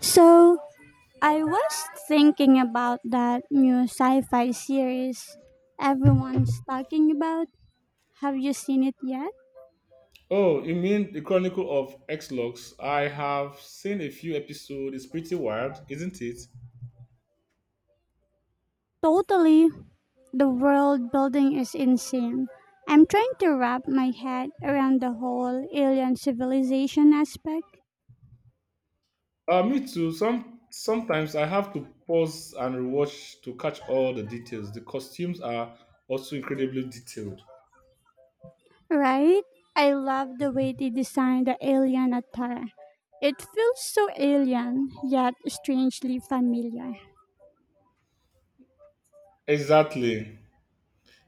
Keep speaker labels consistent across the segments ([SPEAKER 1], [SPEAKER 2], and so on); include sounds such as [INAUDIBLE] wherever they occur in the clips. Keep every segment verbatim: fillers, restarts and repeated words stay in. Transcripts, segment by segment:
[SPEAKER 1] So I was thinking about that new sci-fi series everyone's talking about. Have you seen it yet?
[SPEAKER 2] Oh, you mean the Chronicle of X-Lux? I have seen a few episodes. It's pretty wild, isn't it?
[SPEAKER 1] Totally. The world building is insane. I'm trying to wrap my head around the whole alien civilization aspect.
[SPEAKER 2] Uh, me too. Some sometimes I have to pause and rewatch to catch all the details. The costumes are also incredibly detailed.
[SPEAKER 1] Right? I love the way they designed the alien attire. It feels so alien, yet strangely familiar.
[SPEAKER 2] Exactly.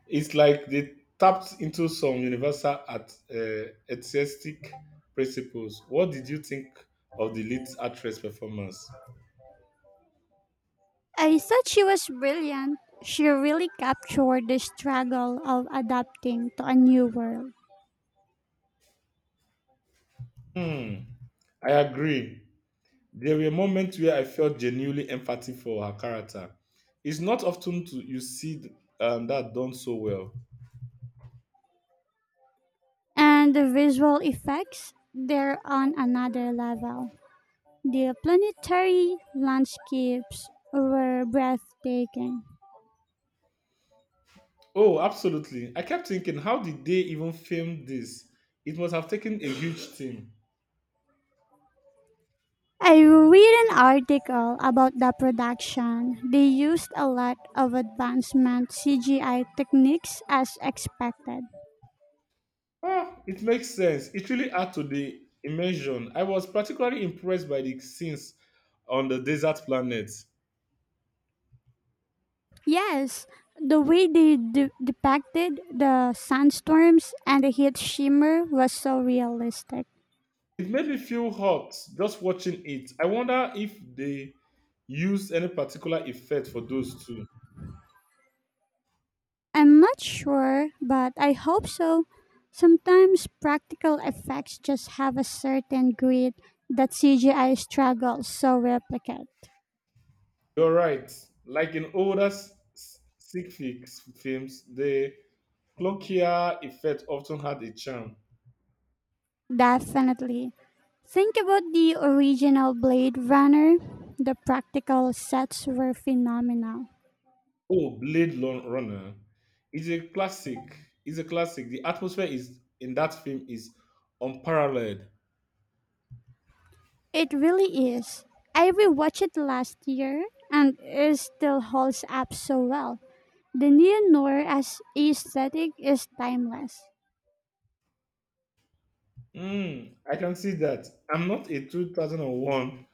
[SPEAKER 2] It's like they tapped into some universal at, uh, artistic principles. What did you think of the lead actress performance?
[SPEAKER 1] I thought she was brilliant. She really captured the struggle of adapting to a new world.
[SPEAKER 2] Hmm, I agree. There were moments where I felt genuinely empathy for her character. It's not often to, you see th- um, that done so well.
[SPEAKER 1] And the visual effects, they're on another level. The planetary landscapes were breathtaking.
[SPEAKER 2] Oh, absolutely. I kept thinking, how did they even film this? It must have taken a huge team.
[SPEAKER 1] I read an article about the production. They used a lot of advancement C G I techniques as expected.
[SPEAKER 2] Ah, it makes sense. It really added to the immersion. I was particularly impressed by the scenes on the desert planet.
[SPEAKER 1] Yes, the way they de- depicted the sandstorms and the heat shimmer was so realistic.
[SPEAKER 2] It made me feel hot just watching it. I wonder if they used any particular effect for those two.
[SPEAKER 1] I'm not sure, but I hope so. Sometimes practical effects just have a certain grit that C G I struggles so replicate.
[SPEAKER 2] You're right. Like in older s- s- sick fix films, the Cloakia effect often had a charm.
[SPEAKER 1] Definitely. Think about the original Blade Runner. The practical sets were phenomenal.
[SPEAKER 2] Oh, Blade Lon- Runner is a classic. Is a classic. The atmosphere is in that film is unparalleled.
[SPEAKER 1] It really is. I rewatched it last year and it still holds up so well. The neo noir as aesthetic is timeless.
[SPEAKER 2] Mm, I can see that. I'm not a 2001.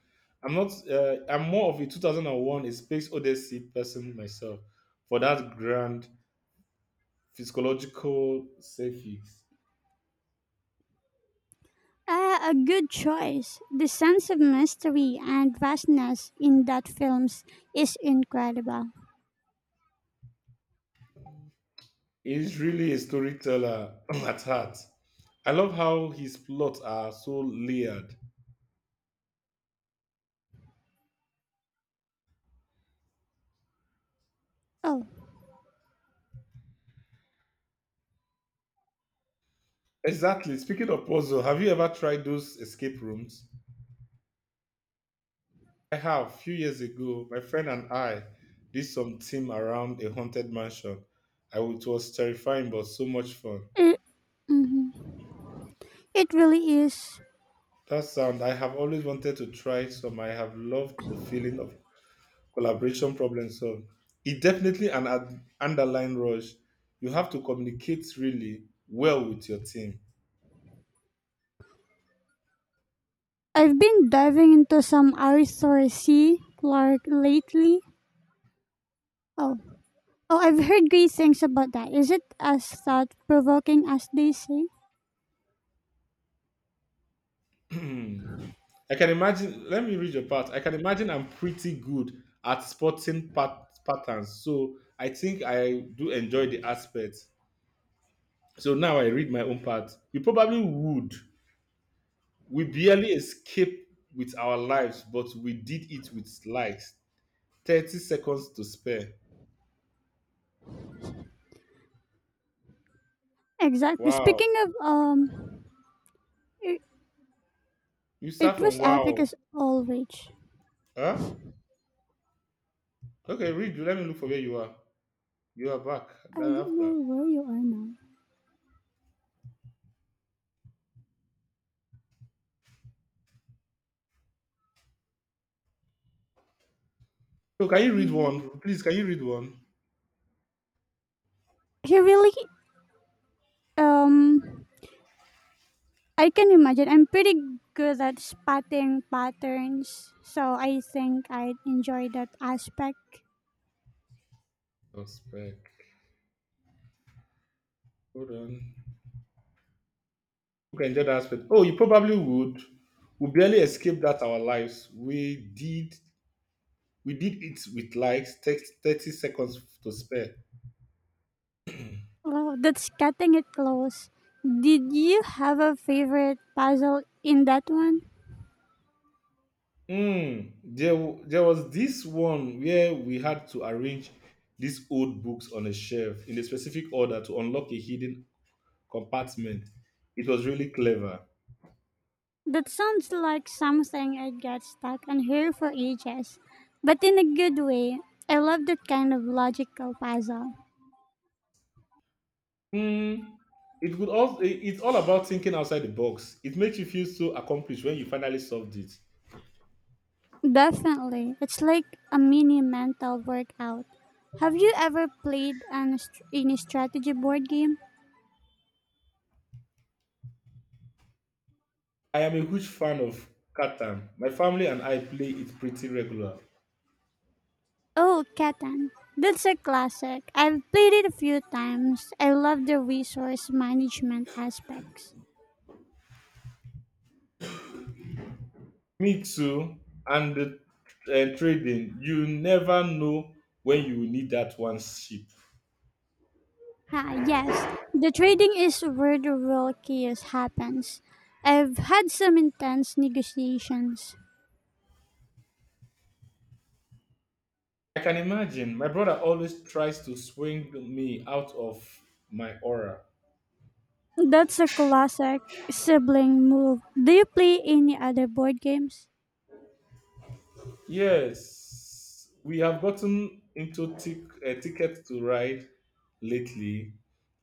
[SPEAKER 2] I'm not. Uh, I'm more of a two thousand one A Space Odyssey person myself for that grand physiological safe.
[SPEAKER 1] Uh, a good choice. The sense of mystery and vastness in that films is incredible.
[SPEAKER 2] He's really a storyteller [CLEARS THROAT] at heart. I love how his plots are so layered.
[SPEAKER 1] Oh,
[SPEAKER 2] Exactly. Speaking of puzzle, have you ever tried those escape rooms? I have. A few years ago, my friend and I did some team around a haunted mansion. I, it was terrifying, but so much fun.
[SPEAKER 1] it, mhm, it really is.
[SPEAKER 2] That sound, I have always wanted to try some. I have loved the feeling of collaboration problem solved. It's definitely an ad- underlying rush. You have to communicate really well with your team.
[SPEAKER 1] I've been diving into some Arthur C. Clarke lately. Oh, oh, I've heard great things about that. Is it as thought provoking as they say?
[SPEAKER 2] I can imagine. Let me read your part. I can imagine I'm pretty good at spotting pat- patterns, so I think I do enjoy the aspect. So now I read my own part. You probably would. We barely escaped with our lives, but we did it with light. Thirty seconds to spare.
[SPEAKER 1] Exactly.
[SPEAKER 2] Wow.
[SPEAKER 1] Speaking of um, it,
[SPEAKER 2] You
[SPEAKER 1] it
[SPEAKER 2] start
[SPEAKER 1] was
[SPEAKER 2] from
[SPEAKER 1] epic
[SPEAKER 2] wow.
[SPEAKER 1] as always.
[SPEAKER 2] Huh? Okay, read. Let me look for where you are. You are back.
[SPEAKER 1] I
[SPEAKER 2] Then
[SPEAKER 1] don't
[SPEAKER 2] after.
[SPEAKER 1] know where you are now.
[SPEAKER 2] So can you read
[SPEAKER 1] Okay.
[SPEAKER 2] one? Please, can you read one?
[SPEAKER 1] He really um, I can imagine. I'm pretty good at spotting patterns, so I think I'd enjoy that aspect.
[SPEAKER 2] Oh, spec. Hold on. Who can enjoy that aspect. Oh, you probably would. We barely escaped that our lives. We did we did it with likes, take thirty seconds to spare.
[SPEAKER 1] Well, that's cutting it close. Did you have a favorite puzzle in that one?
[SPEAKER 2] Mm, there, w- there was this one where we had to arrange these old books on a shelf in a specific order to unlock a hidden compartment. It was really clever.
[SPEAKER 1] That sounds like something I'd get stuck on here for ages, but in a good way. I love that kind of logical puzzle.
[SPEAKER 2] Mm, it could also, it's all about thinking outside the box. It makes you feel so accomplished when you finally solved it.
[SPEAKER 1] Definitely. It's like a mini mental workout. Have you ever played an, str- any strategy board game?
[SPEAKER 2] I am a huge fan of Catan. My family and I play it pretty regular.
[SPEAKER 1] Oh, Catan. That's a classic. I've played it a few times. I love the resource management aspects.
[SPEAKER 2] Me too. And the uh, trading, you never know when you will need that one ship.
[SPEAKER 1] Ah, yes, the trading is where the real chaos happens. I've had some intense negotiations.
[SPEAKER 2] I can imagine. My brother always tries to swing me out of my aura.
[SPEAKER 1] That's a classic sibling move. Do you play any other board games?
[SPEAKER 2] Yes, we have gotten into tic- uh, ticket to ride lately.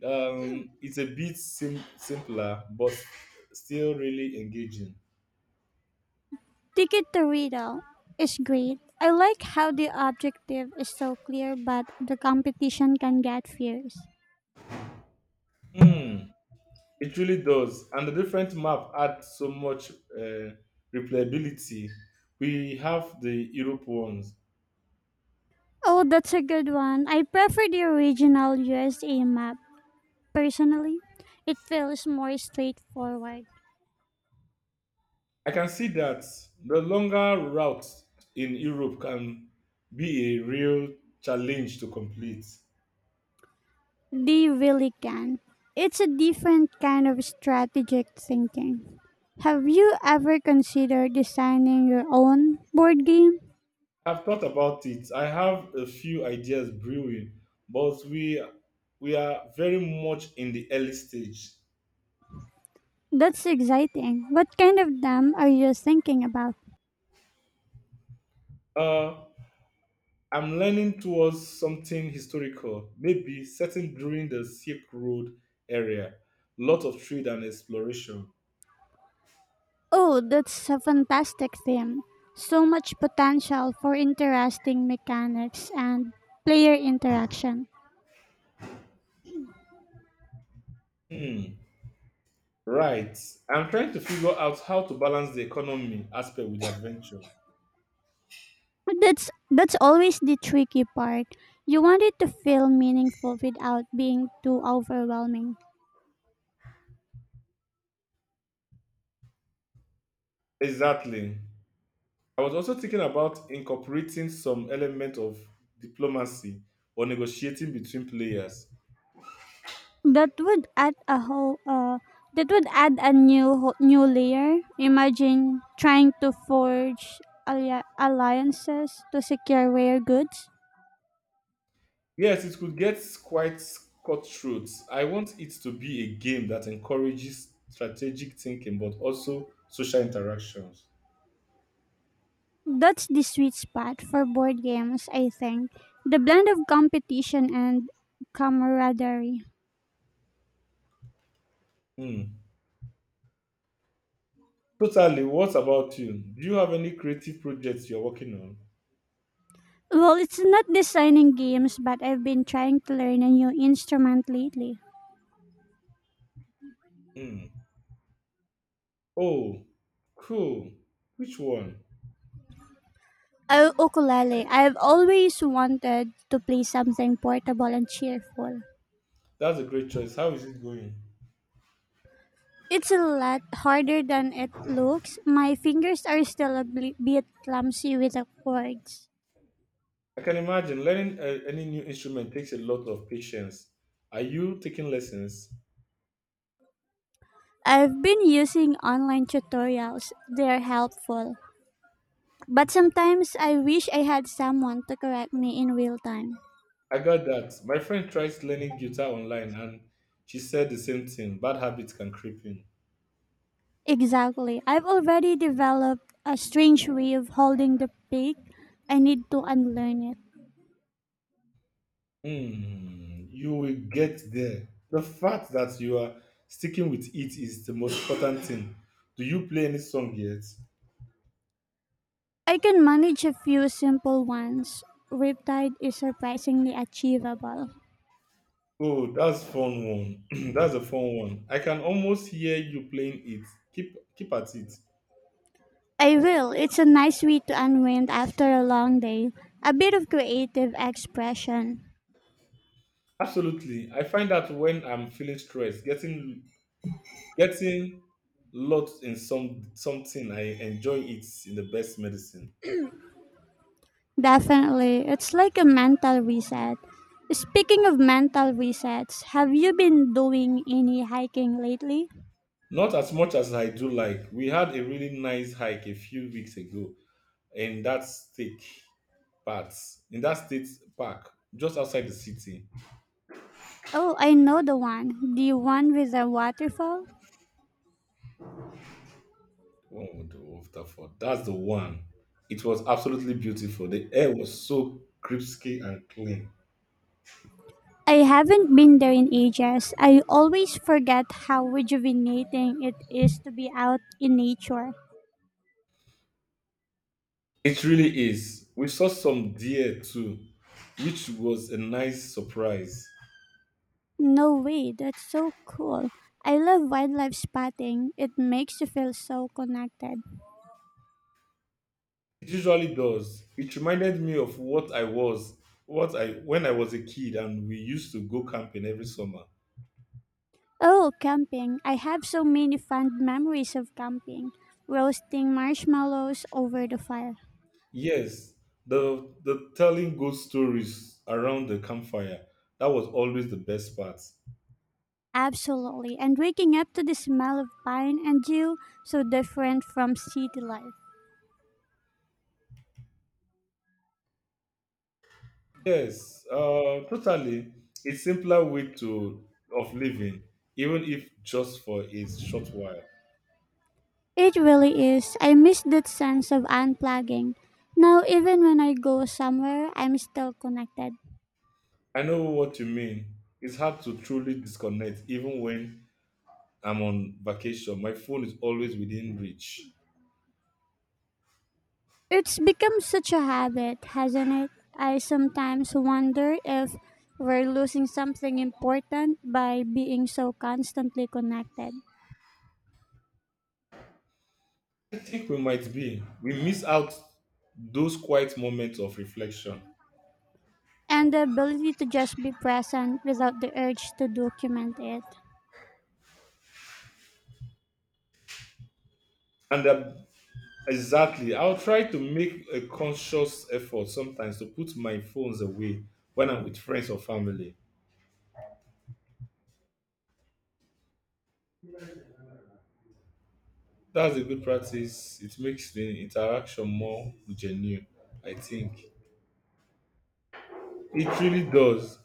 [SPEAKER 2] Um, it's a bit sim- simpler, but still really engaging.
[SPEAKER 1] Ticket to Riddle is great. I like how the objective is so clear, but the competition can get fierce.
[SPEAKER 2] Hmm. It really does. And the different map add so much uh, replayability. We have the Europe ones.
[SPEAKER 1] Oh, that's a good one. I prefer the original U S A map. Personally, it feels more straightforward.
[SPEAKER 2] I can see that the longer route in Europe can be a real challenge to complete.
[SPEAKER 1] They really can. It's a different kind of strategic thinking. Have you ever considered designing your own board game?
[SPEAKER 2] I've thought about it. I have a few ideas brewing, but we we are very much in the early stage.
[SPEAKER 1] That's exciting. What kind of them are you thinking about?
[SPEAKER 2] Uh, I'm leaning towards something historical, maybe certain during the Silk Road area. Lot of trade and exploration.
[SPEAKER 1] Oh, that's a fantastic theme. So much potential for interesting mechanics and player interaction.
[SPEAKER 2] Hmm. Right. I'm trying to figure out how to balance the economy aspect with the adventure.
[SPEAKER 1] That's that's always the tricky part. You want it to feel meaningful without being too overwhelming.
[SPEAKER 2] Exactly. I was also thinking about incorporating some element of diplomacy or negotiating between players.
[SPEAKER 1] That would add a whole uh that would add a new ho- new layer. Imagine trying to forge alli- alliances to secure rare goods.
[SPEAKER 2] Yes, it could get quite cutthroat. I want it to be a game that encourages strategic thinking but also social interactions.
[SPEAKER 1] That's the sweet spot for board games, I think. The blend of competition and camaraderie.
[SPEAKER 2] Hmm. Totally. What about you? Do you have any creative projects you're working on?
[SPEAKER 1] Well, it's not designing games, but I've been trying to learn a new instrument lately.
[SPEAKER 2] Hmm. Oh, cool. Which one?
[SPEAKER 1] Oh ukulele. I've always wanted to play something portable and cheerful.
[SPEAKER 2] That's a great choice. How is it going?
[SPEAKER 1] It's a lot harder than it looks. My fingers are still a bl- bit clumsy with the chords.
[SPEAKER 2] I can imagine learning uh, any new instrument takes a lot of patience. Are you taking lessons?
[SPEAKER 1] I've been using online tutorials. They're helpful. But sometimes I wish I had someone to correct me in real time.
[SPEAKER 2] I got that. My friend tries learning guitar online and she said the same thing. Bad habits can creep in.
[SPEAKER 1] Exactly. I've already developed a strange way of holding the pick. I need to unlearn it.
[SPEAKER 2] Hmm, you will get there. The fact that you are sticking with it is the most important thing. Do you play any song yet?
[SPEAKER 1] I can manage a few simple ones. Riptide is surprisingly achievable.
[SPEAKER 2] Oh, that's fun one. [CLEARS THROAT] That's a fun one. I can almost hear you playing it. Keep keep at it.
[SPEAKER 1] I will. It's a nice way to unwind after a long day. A bit of creative expression.
[SPEAKER 2] Absolutely. I find that when I'm feeling stressed, getting getting lost in some something, I enjoy it in the best medicine.
[SPEAKER 1] Definitely. It's like a mental reset. Speaking of mental resets, have you been doing any hiking lately?
[SPEAKER 2] Not as much as I do like. We had a really nice hike a few weeks ago in that state part, in that state park, just outside the city.
[SPEAKER 1] Oh, I know the one. The one with the waterfall?
[SPEAKER 2] One with the Waterford. That's the one. It was absolutely beautiful. The air was so crispy and clean.
[SPEAKER 1] I haven't been there in ages. I always forget how rejuvenating it is to be out in nature.
[SPEAKER 2] It really is. We saw some deer too, which was a nice surprise.
[SPEAKER 1] No way, that's so cool. I love wildlife spotting. It makes you feel so connected.
[SPEAKER 2] It usually does. It reminded me of what I was, what I when I was a kid, and we used to go camping every summer.
[SPEAKER 1] Oh, camping. I have so many fond memories of camping. Roasting marshmallows over the fire.
[SPEAKER 2] Yes, the the telling good stories around the campfire. That was always the best part.
[SPEAKER 1] Absolutely. And waking up to the smell of pine and dew, so different from city life.
[SPEAKER 2] Yes, uh, totally. It's simpler way to of living, even if just for a short while.
[SPEAKER 1] It really is. I miss that sense of unplugging. Now, even when I go somewhere, I'm still connected.
[SPEAKER 2] I know what you mean. It's hard to truly disconnect, even when I'm on vacation. My phone is always within reach.
[SPEAKER 1] It's become such a habit, hasn't it? I sometimes wonder if we're losing something important by being so constantly connected,
[SPEAKER 2] I think we might be. We miss out those quiet moments of reflection,
[SPEAKER 1] and the ability to just be present without the urge to document it.
[SPEAKER 2] and that exactly. I'll try to make a conscious effort sometimes to put my phones away when I'm with friends or family. That's a good practice. It makes the interaction more genuine, I think. It really does.